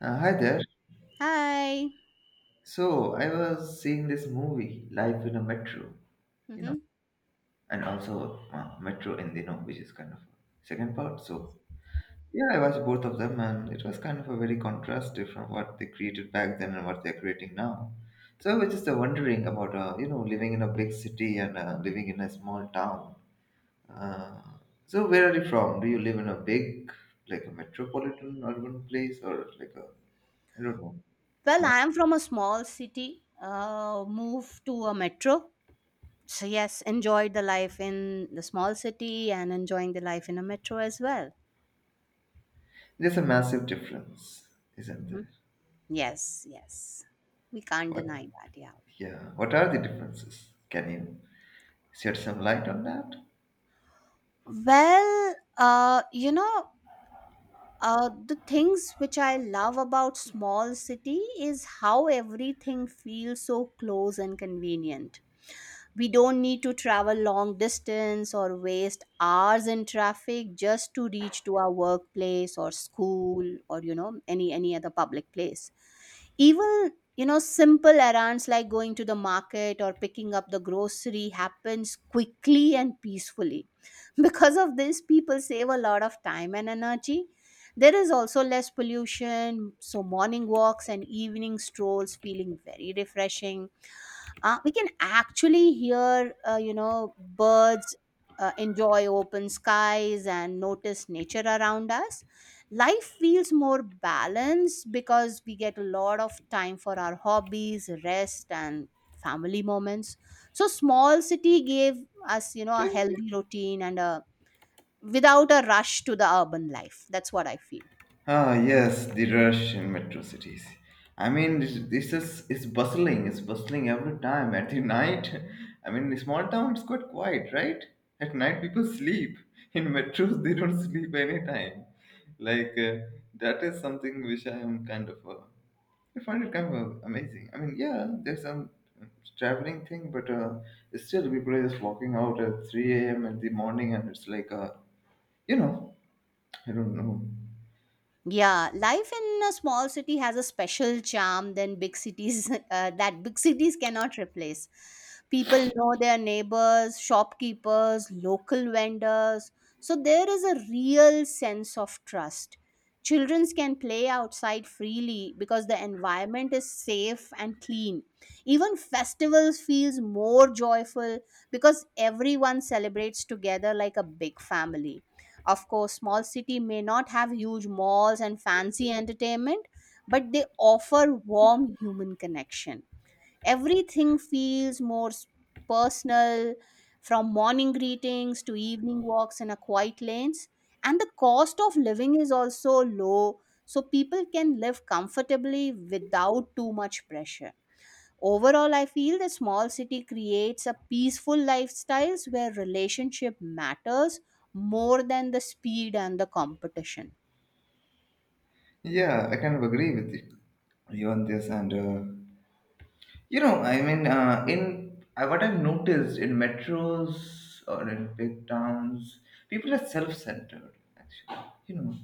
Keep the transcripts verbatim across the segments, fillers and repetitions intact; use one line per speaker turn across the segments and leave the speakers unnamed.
Uh, hi there.
Hi.
So I was seeing this movie, Life in a Metro, you know,
hmm
and also uh, Metro in the know, which is kind of second part. So yeah, I watched both of them, and it was kind of a very contrastive from what they created back then and what they're creating now. So I was just uh, wondering about uh, you know living in a big city and uh, living in a small town. Uh, so where are you from? Do you live in a big, like a metropolitan urban place, or like a, I don't know,
Well,
small?
I am from a small city, uh, moved to a metro. So, yes, enjoyed the life in the small city and enjoying the life in a metro as well.
There's a massive difference, isn't
hmm
there?
Yes, yes. We can't deny
What?
that. Yeah.
Yeah. What are the differences? Can you shed some light on that?
Well, uh, you know, uh, the things which I love about small city is how everything feels so close and convenient. We don't need to travel long distance or waste hours in traffic just to reach to our workplace or school or you know any any other public place, even, you know simple errands like going to the market or picking up the grocery happens quickly and peacefully. Because of this, people save a lot of time and energy. There is also less pollution, so morning walks and evening strolls feeling very refreshing. Uh, we can actually hear, uh, you know birds, uh, enjoy open skies and notice nature around us. Life feels more balanced because we get a lot of time for our hobbies, rest, and family moments. So small city gave us, you know a healthy routine, and a without a rush to the urban life. That's what I feel.
Ah, yes, the rush in metro cities. I mean, this, this is it's bustling. It's bustling every time at the night. I mean, in small town, it's quite quiet, right? At night, people sleep. In metros, they don't sleep anytime. Like uh, that is something which I am kind of uh, I find it kind of uh, amazing. I mean, yeah, there's some traveling thing, but uh, still, people are just walking out at three a m in the morning, and it's like, uh, you know, I don't know.
Yeah, life in a small city has a special charm than big cities uh, that big cities cannot replace. People know their neighbors, shopkeepers, local vendors. So there is a real sense of trust. Children can play outside freely because the environment is safe and clean. Even festivals feels more joyful because everyone celebrates together like a big family. Of course, small city may not have huge malls and fancy entertainment, but they offer warm human connection. Everything feels more s- personal, from morning greetings to evening walks in a quiet lanes. And the cost of living is also low, so people can live comfortably without too much pressure. Overall, I feel the small city creates a peaceful lifestyles where relationship matters more than the speed and the competition.
Yeah, I kind of agree with you on this, and uh, You know, I mean, uh, in uh, what I've noticed in metros or in big towns, people are self-centered. Actually, you know,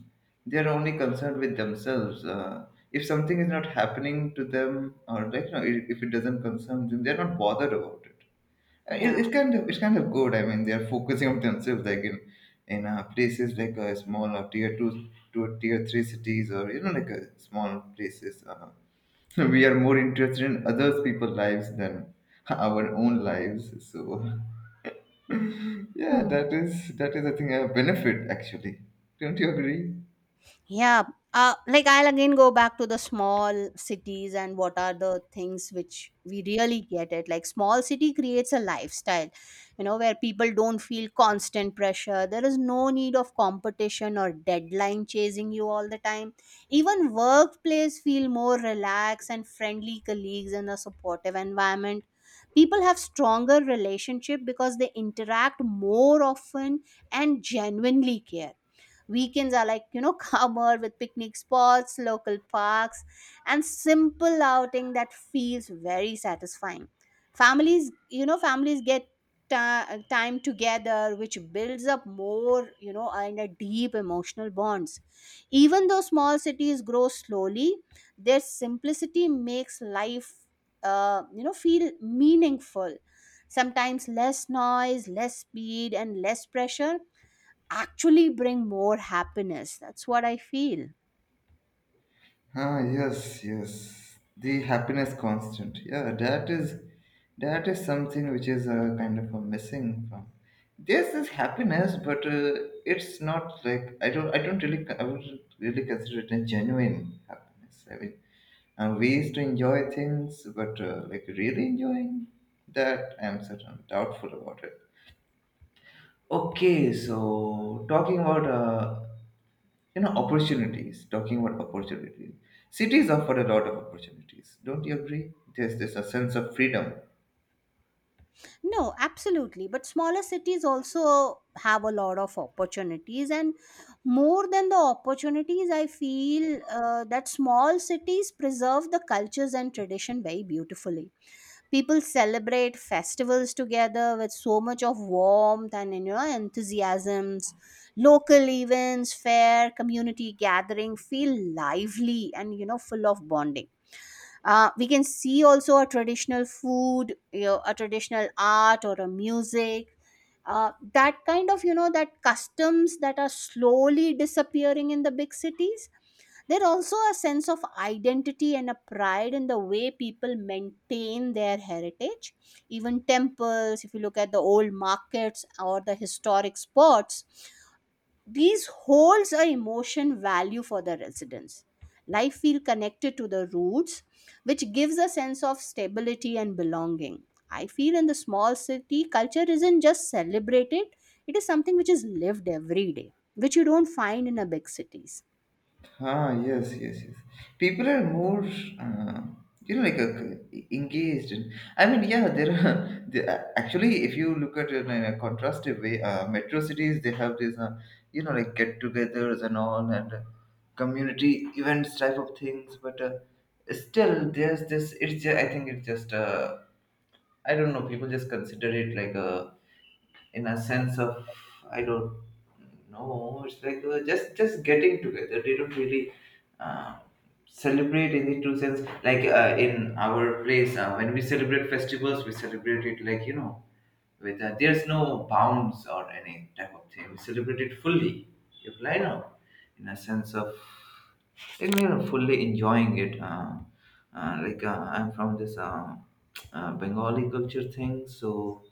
they are only concerned with themselves. Uh, if something is not happening to them, or like you know, i- if it doesn't concern them, they're not bothered about it. Uh, It,
Yeah.
it's kind of it's kind of good. I mean, they are focusing on themselves, like in in uh, places like uh, small or tier two to tier three cities, or you know, like uh, small places. Uh, we are more interested in others people's lives than our own lives. So yeah,
Hmm.
that is that is I think, a benefit actually. Don't you agree?
Yeah. Uh, like, I'll again go back to the small cities and what are the things which we really get it. Like, small city creates a lifestyle, you know, where people don't feel constant pressure. There is no need of competition or deadline chasing you all the time. Even workplace feel more relaxed and friendly colleagues in a supportive environment. People have stronger relationship because they interact more often and genuinely care. Weekends are like, you know, calmer, with picnic spots, local parks, and simple outing that feels very satisfying. Families, you know, families get ti- time together, which builds up more, you know, and a deep emotional bonds. Even though small cities grow slowly, their simplicity makes life, uh, you know, feel meaningful. Sometimes less noise, less speed, and less pressure actually bring more happiness. That's what I feel.
Ah, yes, yes. The happiness constant. Yeah, that is that is something which is uh, kind of a missing from. There's this happiness, but uh, it's not like I don't I don't really I wouldn't really consider it a genuine happiness. I mean, and ways to enjoy things, but uh, like really enjoying that, I'm certain doubtful about it. Okay, so talking about uh, you know opportunities, talking about opportunities, cities offer a lot of opportunities. Don't you agree? There's there's a sense of freedom.
No, absolutely. But smaller cities also have a lot of opportunities. And more than the opportunities, I feel uh, that small cities preserve the cultures and tradition very beautifully. People celebrate festivals together with so much of warmth and, you know, enthusiasms. Local events, fair, community gathering feel lively and, you know, full of bonding. Uh, we can see also a traditional food, you know, a traditional art or a music. Uh, that kind of, you know, that customs that are slowly disappearing in the big cities. There also a sense of identity and a pride in the way people maintain their heritage. Even temples, if you look at the old markets or the historic spots, these holds a emotion value for the residents. Life feel connected to the roots, which gives a sense of stability and belonging. I feel in the small city, culture isn't just celebrated, it is something which is lived every day, which you don't find in a big cities.
Ah, yes, yes, yes. People are more, uh, you know, like uh, engaged. And, I mean, yeah, there are there, are- actually, if you look at it in a contrastive way, uh, metro cities they have these, uh, you know, like get-togethers and all, and uh, community events type of things. But uh, still, there's this. It's just, I think it's just. Uh, I don't know. People just consider it like a, in a sense of, I don't know. It's like uh, just just getting together. They don't really uh, celebrate in the true sense. Like uh, in our place, uh, when we celebrate festivals, we celebrate it like you know, with uh, there's no bounds or any type of thing. We celebrate it fully. You fly now, in a sense of like you know, fully enjoying it. Uh, uh, like uh, I'm from this uh, uh, Bengali culture thing, so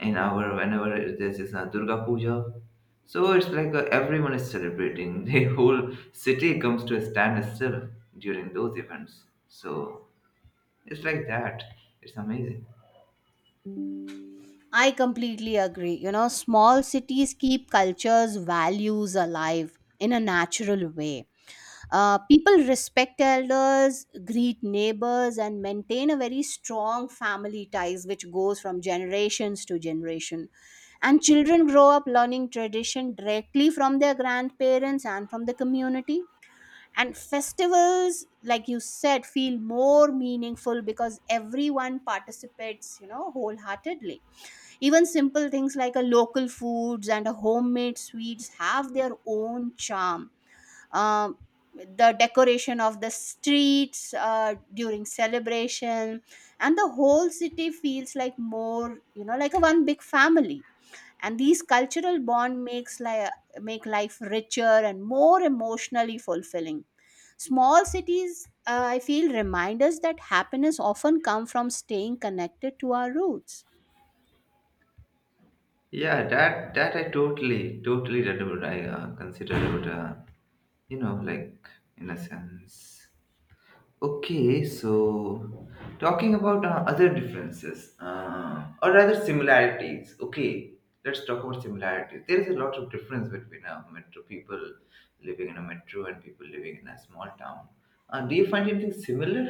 in our whenever this is a Durga Puja. So it's like uh, everyone is celebrating. The whole city comes to a standstill during those events. So it's like that. It's amazing.
I completely agree. You know, small cities keep cultures, values alive in a natural way. Uh, people respect elders, greet neighbors, and maintain a very strong family ties, which goes from generations to generation. And children grow up learning tradition directly from their grandparents and from the community. And festivals, like you said, feel more meaningful because everyone participates, you know, wholeheartedly. Even simple things like a local foods and a homemade sweets have their own charm. um, the decoration of the streets uh, during celebration, and the whole city feels like more, you know, like a one big family. And these cultural bond makes like make life richer and more emotionally fulfilling. Small cities, uh, I feel, remind us that happiness often come from staying connected to our roots.
Yeah, that that I totally totally that would I uh, consider it. Uh, you know, like, in a sense. Okay, so talking about uh, other differences, uh, or rather similarities. Okay, let's talk about similarities. There is a lot of difference between uh, metro people living in a metro and people living in a small town. Uh, do you find anything similar?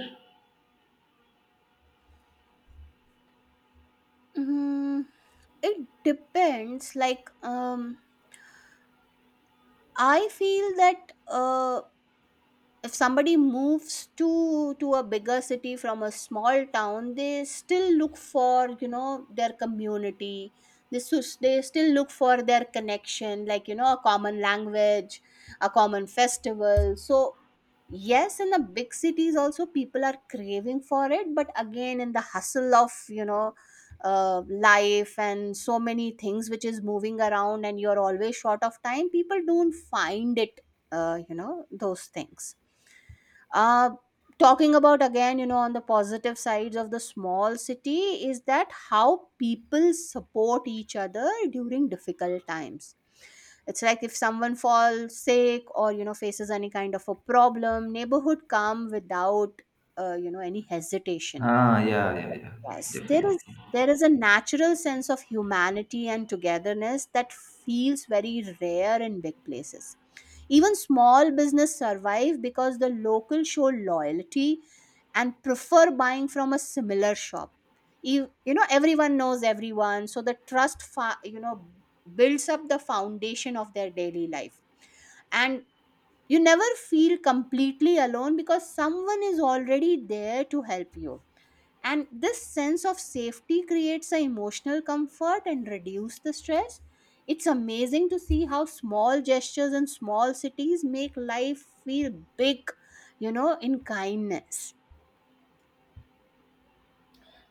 Mm, it depends like. um I feel that uh if somebody moves to to a bigger city from a small town, they still look for, you know, their community. This is, they still look for their connection, like, you know, a common language, a common festival. So yes, in the big cities also people are craving for it, but again in the hustle of, you know, uh, life and so many things which is moving around and you're always short of time, people don't find it, uh, you know those things. uh, Talking about again, you know, on the positive sides of the small city is that how people support each other during difficult times. It's like if someone falls sick or, you know, faces any kind of a problem, neighborhood come without, uh, you know any hesitation.
Ah, yeah, yeah, yeah,
Yes, there is,
definitely.
there is a natural sense of humanity and togetherness that feels very rare in big places. Even small business survive because the local show loyalty and prefer buying from a similar shop. You, you know everyone knows everyone, so the trust fa- you know builds up the foundation of their daily life. And you never feel completely alone because someone is already there to help you. And this sense of safety creates an emotional comfort and reduce the stress. It's amazing to see how small gestures in small cities make life feel big, you know, in kindness.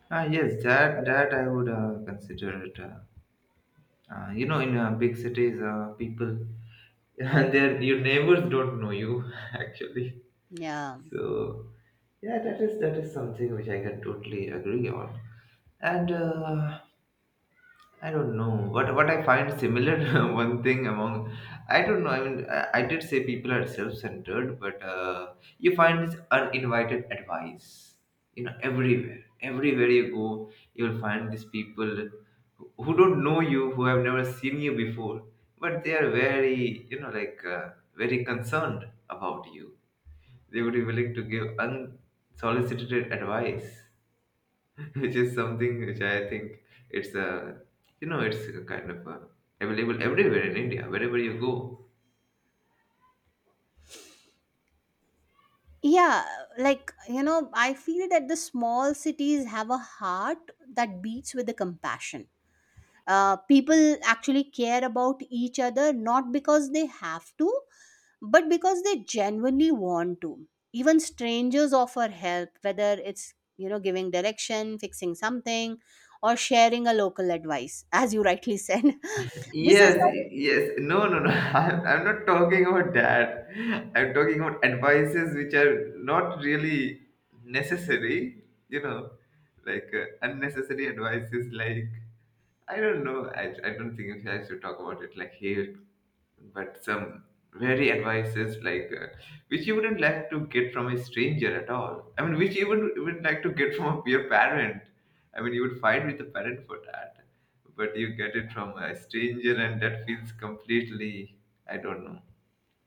Ah, yes, that that I would uh, consider it. Uh, uh, you know, in uh, big cities, uh, people, their your neighbors don't know you actually.
Yeah.
So yeah, that is that is something which I can totally agree on. And uh, I don't know what what I find similar. One thing among, I don't know. I mean, I, I did say people are self-centered, but uh, you find this uninvited advice. You know, everywhere, everywhere you go, you'll find these people who who don't know you, who have never seen you before, but they are very, you know, like uh, very concerned about you. They would be willing to give unsolicited advice, which is something which I think it's a, you know, it's a kind of a, available everywhere in India, wherever you go.
Yeah, like, you know, I feel that the small cities have a heart that beats with the compassion. Uh, people actually care about each other not because they have to, but because they genuinely want to. Even strangers offer help, whether it's, you know, giving direction, fixing something, or sharing a local advice, as you rightly said. This is
Yes,
like,
yes. No, no, no. I'm, I'm not talking about that. I'm talking about advices which are not really necessary, you know, like uh, unnecessary advices like, I don't know. I, I don't think I should talk about it like here. But some very advices like uh, which you wouldn't like to get from a stranger at all. I mean, which you wouldn't even like to get from your parent. I mean, you would fight with the parent for that, but you get it from a stranger, and that feels completely, I don't know,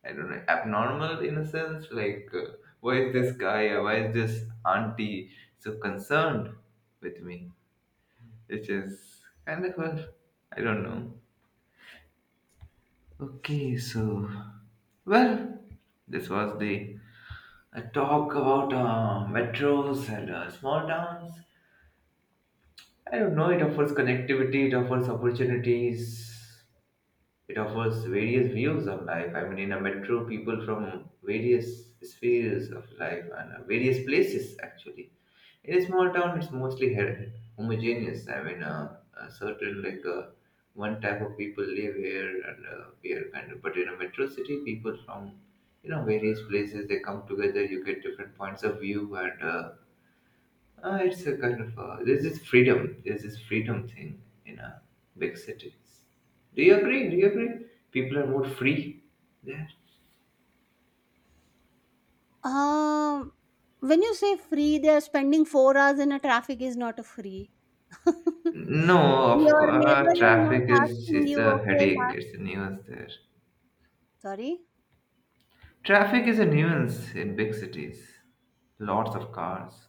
I don't know, abnormal in a sense. Like, uh, why is this guy or why is this auntie so concerned with me? Which is kind of a, I don't know. Okay, so well, this was the a talk about uh, metros and uh, small towns. I don't know. It offers connectivity. It offers opportunities. It offers various views of life. I mean, in a metro, people from various spheres of life and uh, various places actually in a small town, it's mostly he- homogeneous. I mean, uh, a certain like uh, one type of people live here, and uh, we are kind of. But in a metro city, people from you know various places they come together. You get different points of view, and uh, uh, it's a kind of uh, there's this freedom. There's this freedom thing in uh, big cities. Do you agree? Do you agree? People are more free there.
um when you say free, they are spending four hours in a traffic is not a free.
No, of
Your
course,
neighbor
uh,
is not
traffic is
asking
it's
you,
a
okay,
headache.
last
It's a news there.
sorry.
Traffic is a nuisance in big cities. Lots of cars.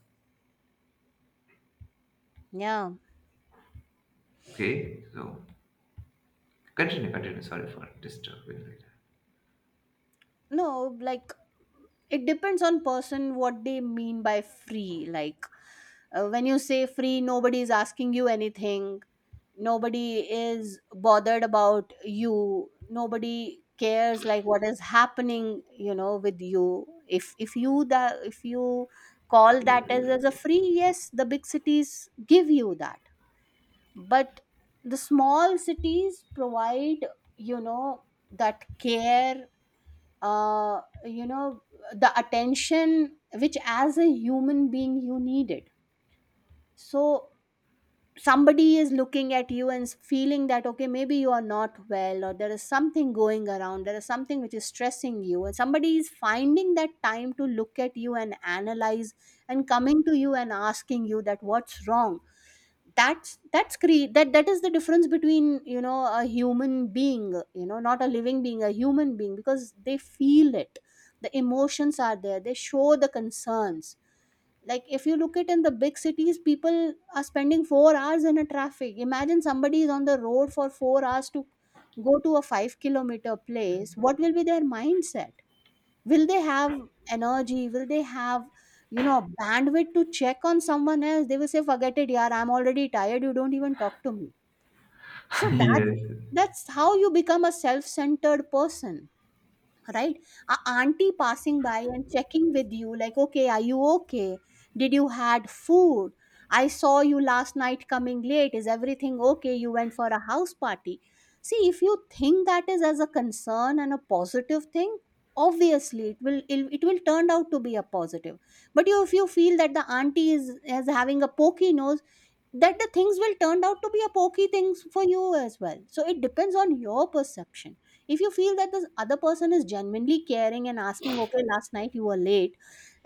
Yeah.
Okay, so continue, continue. Sorry for disturbing like.
No, like, it depends on person what they mean by free. Like, uh, when you say free, nobody is asking you anything, nobody is bothered about you, nobody cares like what is happening, you know, with you. If if you that, if you call that as, as a free, yes, the big cities give you that. But the small cities provide, you know, that care, uh, you know the attention which, as a human being, you need it. So somebody is looking at you and feeling that okay, maybe you are not well, or there is something going around, there is something which is stressing you, and somebody is finding that time to look at you and analyze and coming to you and asking you that what's wrong. that's that's cre- that, that is the difference between, you know, a human being, you know, not a living being, a human being, because they feel it. The emotions are there, they show the concerns. Like, if you look at in the big cities, people are spending four hours in a traffic. Imagine somebody is on the road for four hours to go to a five kilometer place. What will be their mindset? Will they have energy? Will they have, you know, bandwidth to check on someone else? They will say, forget it, yaar, I'm already tired, you don't even talk to me. So that's
Yes.
that's how you become a self-centered person, right? A auntie passing by and checking with you like, okay, are you okay, did you had food, I saw you last night coming late, is everything okay, you went for a house party. See, if you think that is as a concern and a positive thing, obviously it will, it, it will turn out to be a positive. But you, if you feel that the auntie is, is having a pokey nose, that the things will turn out to be a pokey things for you as well. So it depends on your perception. If you feel that the other person is genuinely caring and asking, okay, last night you were late,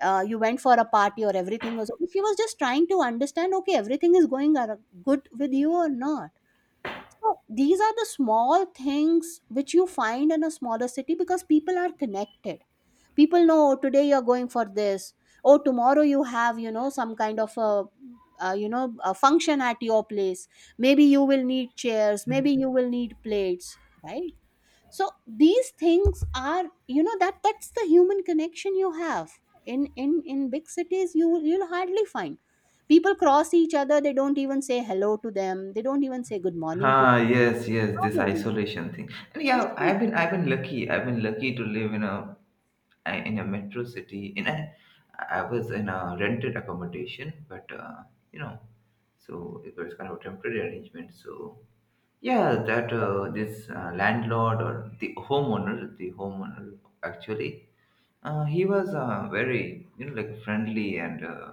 uh, you went for a party or everything was, if he was just trying to understand okay everything is going ar- good with you or not. So these are the small things which you find in a smaller city because people are connected. People know, "Oh, today you're going for this, oh, tomorrow you have, you know, some kind of a uh, you know a function at your place. Maybe you will need chairs, maybe you will need plates, right? So these things are, you know, that that's the human connection you have. In in in big cities you will- you'll hardly find. People cross each other, they don't even say hello to them, they don't even say good morning to
Ah,
them.
yes, yes.
How
This
will
isolation thing. And yeah,
you?
I've been, I've been lucky. I've been lucky to live in a, in a metro city. In a, I was in a rented accommodation, but uh, you know, so it was kind of a temporary arrangement. So yeah, that uh, this uh, landlord or the homeowner, the homeowner actually. Uh, he was uh, very, you know, like friendly and uh,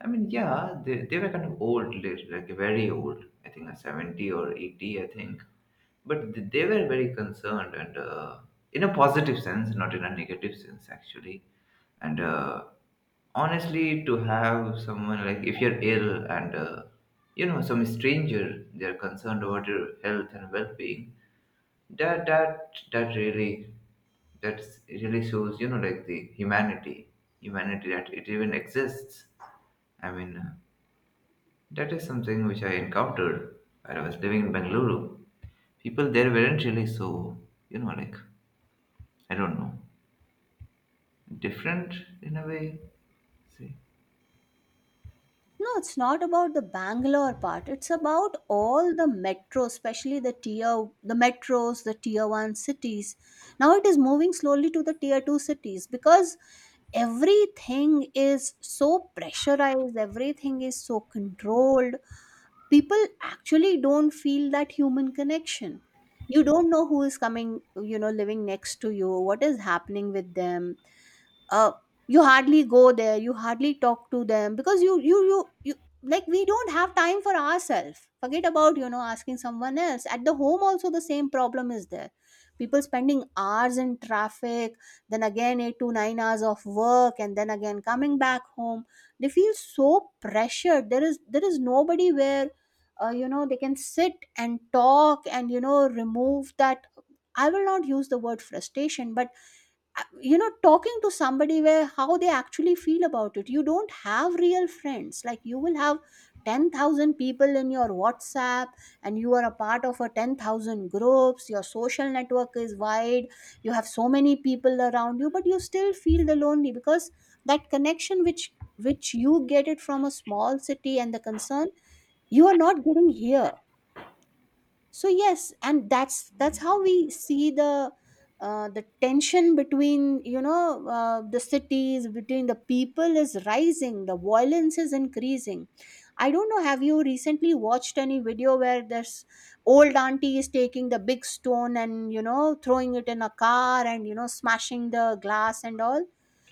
I mean, yeah, they, they were kind of old, li- like very old. I think like seventy or eighty, I think. But th- they were very concerned and uh, in a positive sense, not in a negative sense, actually. And uh, honestly, to have someone like if you're ill and uh, you know some stranger, they're concerned about your health and well-being, that that that really that really shows you know like the humanity humanity that it even exists. I mean, uh, that is something which I encountered while I was living in Bengaluru. People there weren't really so, you know like I don't know, different in a way. See.
No, it's not about the Bangalore part. It's about all the metros, especially the tier the metros, the tier one cities. Now it is moving slowly to the tier two cities because everything is so pressurized, everything is so controlled. People actually don't feel that human connection. You don't know who is coming, you know, living next to you, what is happening with them uh, you hardly go there, you hardly talk to them because you you you, you like, we don't have time for ourselves, forget about, you know, asking someone else. At the home also the same problem is there. People spending hours in traffic, then again eight to nine hours of work and then again coming back home. They feel so pressured. There is there is nobody where uh, you know, they can sit and talk and, you know, remove that. I will not use the word frustration, but uh, you know, talking to somebody where how they actually feel about it. You don't have real friends like you will have ten thousand people in your WhatsApp, and you are a part of a ten thousand groups. Your social network is wide, you have so many people around you, but you still feel the lonely because that connection which which you get it from a small city, and the concern, you are not getting here. So yes, and that's that's how we see the uh, the tension between, you know, uh, the cities, between the people is rising, the violence is increasing. I don't know, have you recently watched any video where this old auntie is taking the big stone and, you know, throwing it in a car and, you know, smashing the glass and all?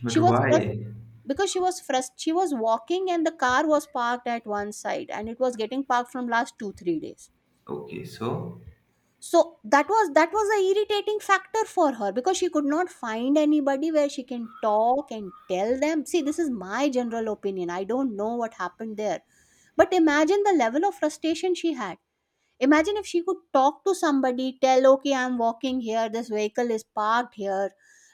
But
she was frus-
why?
because she was frust- she was walking and the car was parked at one side, and it was getting parked from last two three days.
Okay, so
So that was, that was a irritating factor for her because she could not find anybody where she can talk and tell them. See, this is my general opinion. I don't know what happened there. But imagine the level of frustration she had. Imagine if she could talk to somebody, tell, okay, I'm walking here, this vehicle is parked here,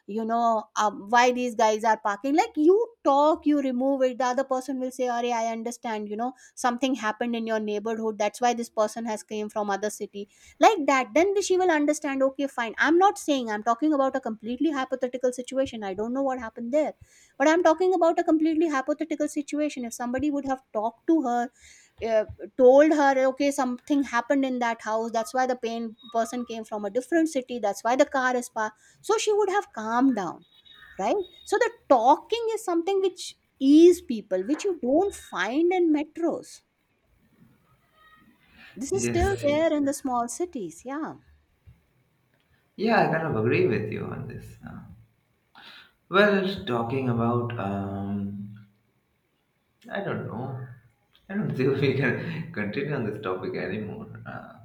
you know, um, why these guys are parking. Like, you talk, you remove it, the other person will say, Arey, I understand, you know, something happened in your neighborhood, that's why this person has came from other city. Like that, then she will understand, okay, fine. I'm not saying, I'm talking about a completely hypothetical situation. I don't know what happened there. But I'm talking about a completely hypothetical situation. If somebody would have talked to her, uh, told her, okay, something happened in that house, that's why the pain person came from a different city, that's why the car is parked, so she would have calmed down, right? So the talking is something which ease people, which you don't find in metros. This is
yes,
still there in the small cities, yeah.
yeah, I kind of agree with you on this, uh, well, talking about um I don't know. I don't think we can continue on this topic anymore. Uh,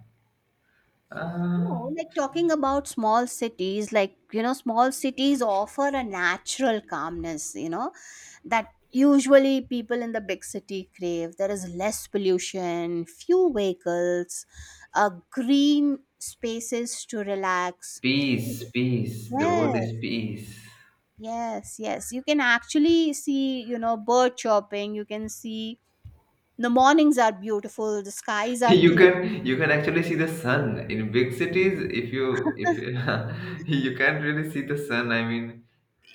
uh,
No, like talking about small cities, like, you know, small cities offer a natural calmness, you know, that usually people in the big city crave. There is less pollution, few vehicles, uh, green spaces to relax.
Peace, peace. The word
Yes,
is peace.
yes, yes. You can actually see, you know, bird chirping. You can see the mornings are beautiful, the skies are
You
clear.
can you can actually see the sun in big cities. If you if you, you can't really see the sun. I mean,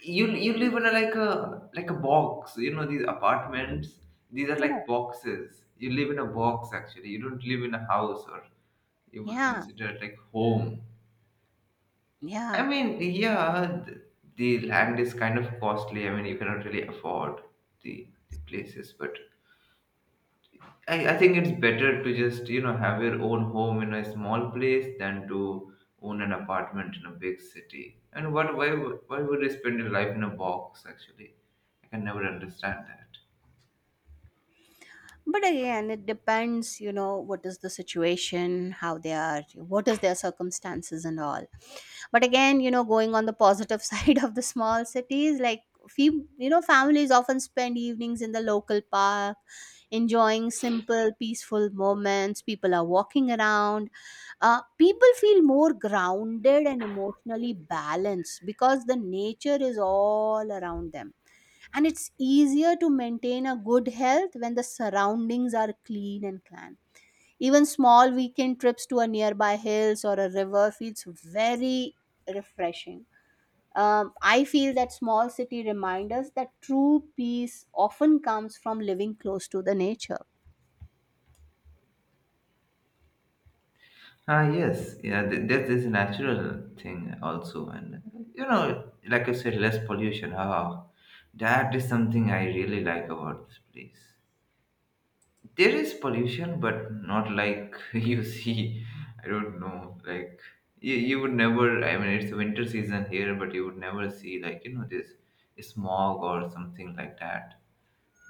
you you live in a, like a like a box. You know these apartments. These are
Correct.
like boxes. You live in a box actually. You don't live in a house or you would
Yeah,
consider it like home.
yeah.
I mean, yeah, th- the land is kind of costly. I mean, you cannot really afford the, the places, but I, I think it's better to just, you know, have your own home in a small place than to own an apartment in a big city. And what, why, would- why would you spend your life in a box, actually? I can never understand that.
But again, it depends, you know, what is the situation, how they are, what is their circumstances and all. But again, you know, going on the positive side of the small cities, like, fe- you know, families often spend evenings in the local park, enjoying simple peaceful moments, people are walking around. Uh, people feel more grounded and emotionally balanced because the nature is all around them, and it's easier to maintain a good health when the surroundings are clean and clean. Even small weekend trips to a nearby hills or a river feels very refreshing. Um, I feel that small city remind us that true peace often comes from living close to the nature.
Ah, yes, yeah, th- that is a natural thing also, and you know, like I said, less pollution. Ah, that is something I really like about this place. There is pollution but not like you see, i don't know, like you, you would never, I mean it's winter season here but you would never see like you know this smog or something like that.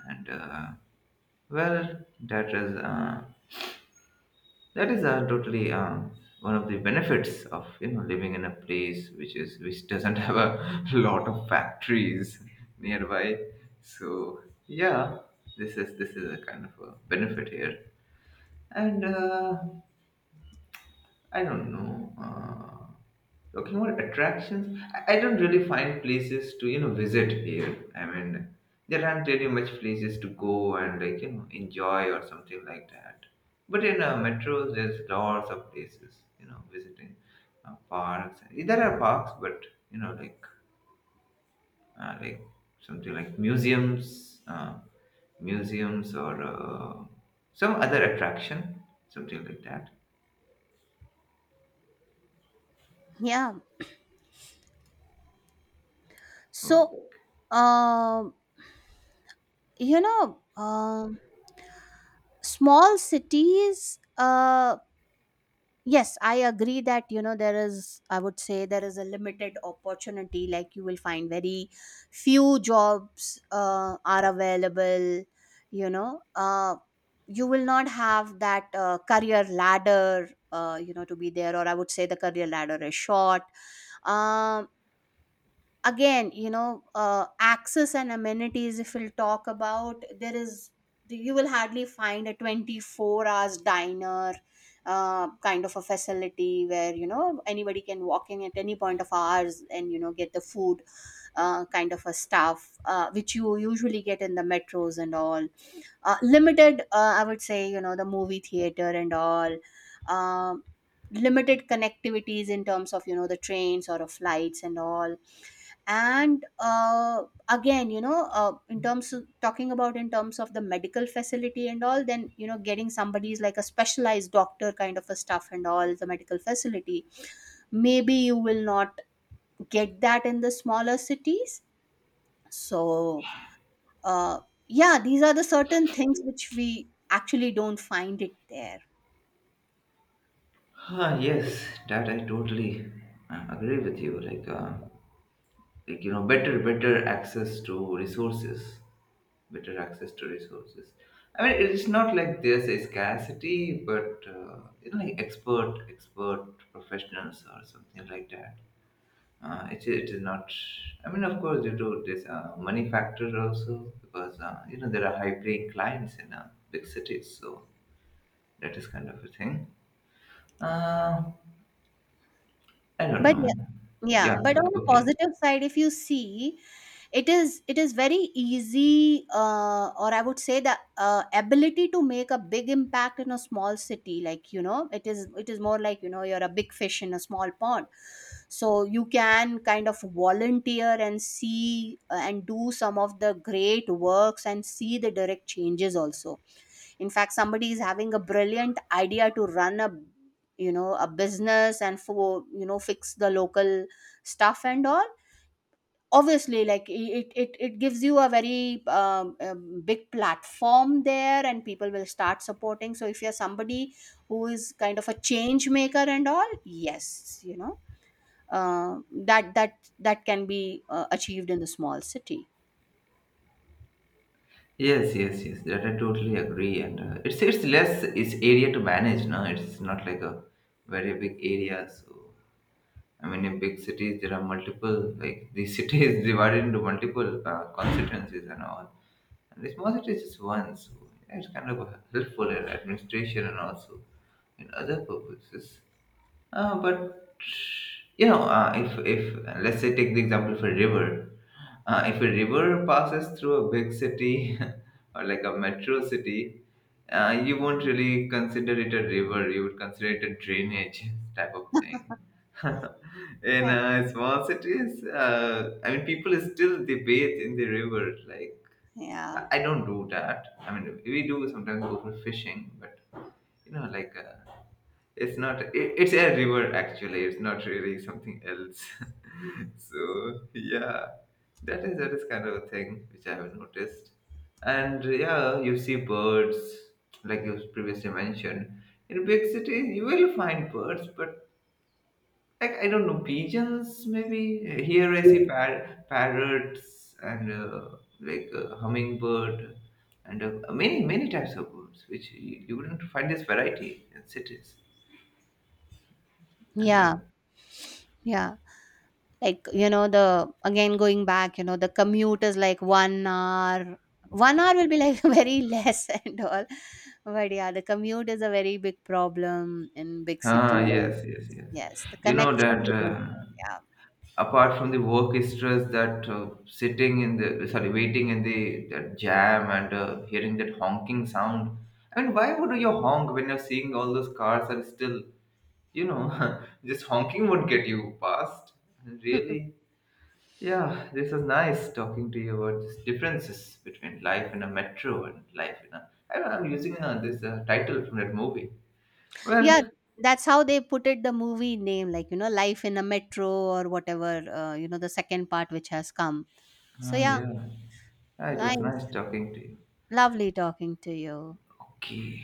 And uh, well that is uh, that is uh, totally um, one of the benefits of you know living in a place which is which doesn't have a lot of factories nearby. So yeah, this is this is a kind of a benefit here. And uh, I don't know. Uh, talking about attractions, I, I don't really find places to you know visit here. I mean, there aren't really much places to go and like you know enjoy or something like that. But in uh, metros, there's lots of places you know visiting, uh, parks. There are parks, but you know like, uh, like something like museums, uh, museums or uh, some other attraction, something like that.
Yeah. So, um, you know, um, small cities uh, yes, I agree that, you know, there is, I would say, there is a limited opportunity. Like you will find very few jobs uh, are available, you know. Uh, you will not have that uh, career ladder, uh, you know, to be there, or I would say the career ladder is short. Um, again, you know, uh, access and amenities, if we'll talk about, there is, you will hardly find a twenty-four hours diner uh, kind of a facility where, you know, anybody can walk in at any point of hours and, you know, get the food, uh, kind of a stuff uh, which you usually get in the metros and all. Uh, limited, uh, I would say, you know, the movie theater and all. Um, limited connectivities in terms of, you know, the trains or of flights and all. And uh, again, you know, uh, in terms of talking about, in terms of the medical facility and all, then you know, getting somebody's like a specialized doctor kind of a stuff and all the medical facility, maybe you will not get that in the smaller cities. So uh, yeah, these are the certain things which we actually don't find it there.
Ah, yes, that I totally uh, agree with you. Like, uh, like you know, better, better access to resources, better access to resources. I mean, it's not like there's a scarcity, but uh, you know, like expert, expert professionals or something like that. Uh, it, it is not. I mean, of course, due to this uh, money factor also, because uh, you know there are high-paying clients in uh, big cities, so that is kind of a thing. Uh, I don't
But yeah,
know.
yeah,
Yeah.
but on
Okay,
the
okay.
positive side, if you see, it is it is very easy, uh, or I would say the, uh, ability to make a big impact in a small city, like, you know, it is it is more like, you know, you're a big fish in a small pond. So you can kind of volunteer and see, uh, and do some of the great works and see the direct changes also. In fact, somebody is having a brilliant idea to run a, you know, a business and for, you know, fix the local stuff and all, obviously, like, i- it it, it gives you a very, um, um, big platform there and people will start supporting. So if you're somebody who is kind of a change maker and all, yes, you know, uh, that that that can be uh, achieved in the small city.
Yes, yes, yes. That I totally agree. And uh, it's it's less it's area to manage. No, it's not like a very big area. So I mean, in big cities there are multiple, like the city is divided into multiple uh, constituencies and all. And the small city is just one. So yeah, it's kind of helpful in administration and also in other purposes. Uh, but you know, uh, if if let's say take the example of a river, uh, if a river passes through a big city or like a metro city, uh, you won't really consider it a river. You would consider it a drainage type of thing. In
Okay.
uh, small cities, uh, I mean, people still they bathe in the river. Like
Yeah,
I I don't do that. I mean, we do sometimes go for fishing, but you know, like. Uh, it's not, it, it's a river actually, it's not really something else. So yeah, that is that is kind of a thing which i have noticed. And yeah, you see birds like you previously mentioned. In big cities you will find birds but like I don't know, pigeons maybe. Here I see par- parrots and uh, like uh, hummingbird and uh, many many types of birds which you, you wouldn't find this variety in cities. And uh,
yeah. Yeah. Like, you know, the again going back, you know, the commute is like one hour. One hour will be like very less and all. But yeah, the commute is a very big problem in big cities.
Ah, yes, yes, yes.
Yes. The
You know
connection
that
between-
uh,
Yeah.
apart from the work stress, that uh, sitting in the, sorry, waiting in the that jam and uh, hearing that honking sound. I mean, why would you honk when you're seeing all those cars are still, you know, just honking would get you past. Really? Yeah, this was nice talking to you about these differences between life in a metro and life in a. I don't know, I'm using uh, this uh, title from that movie.
Yeah.
Well,
That's how they put it the movie name, like, you know, Life in a Metro or whatever, uh, you know, the second part which has come. So
ah,
yeah,
yeah. Yeah, it was nice
nice.
talking to you.
Lovely talking to you.
Okay.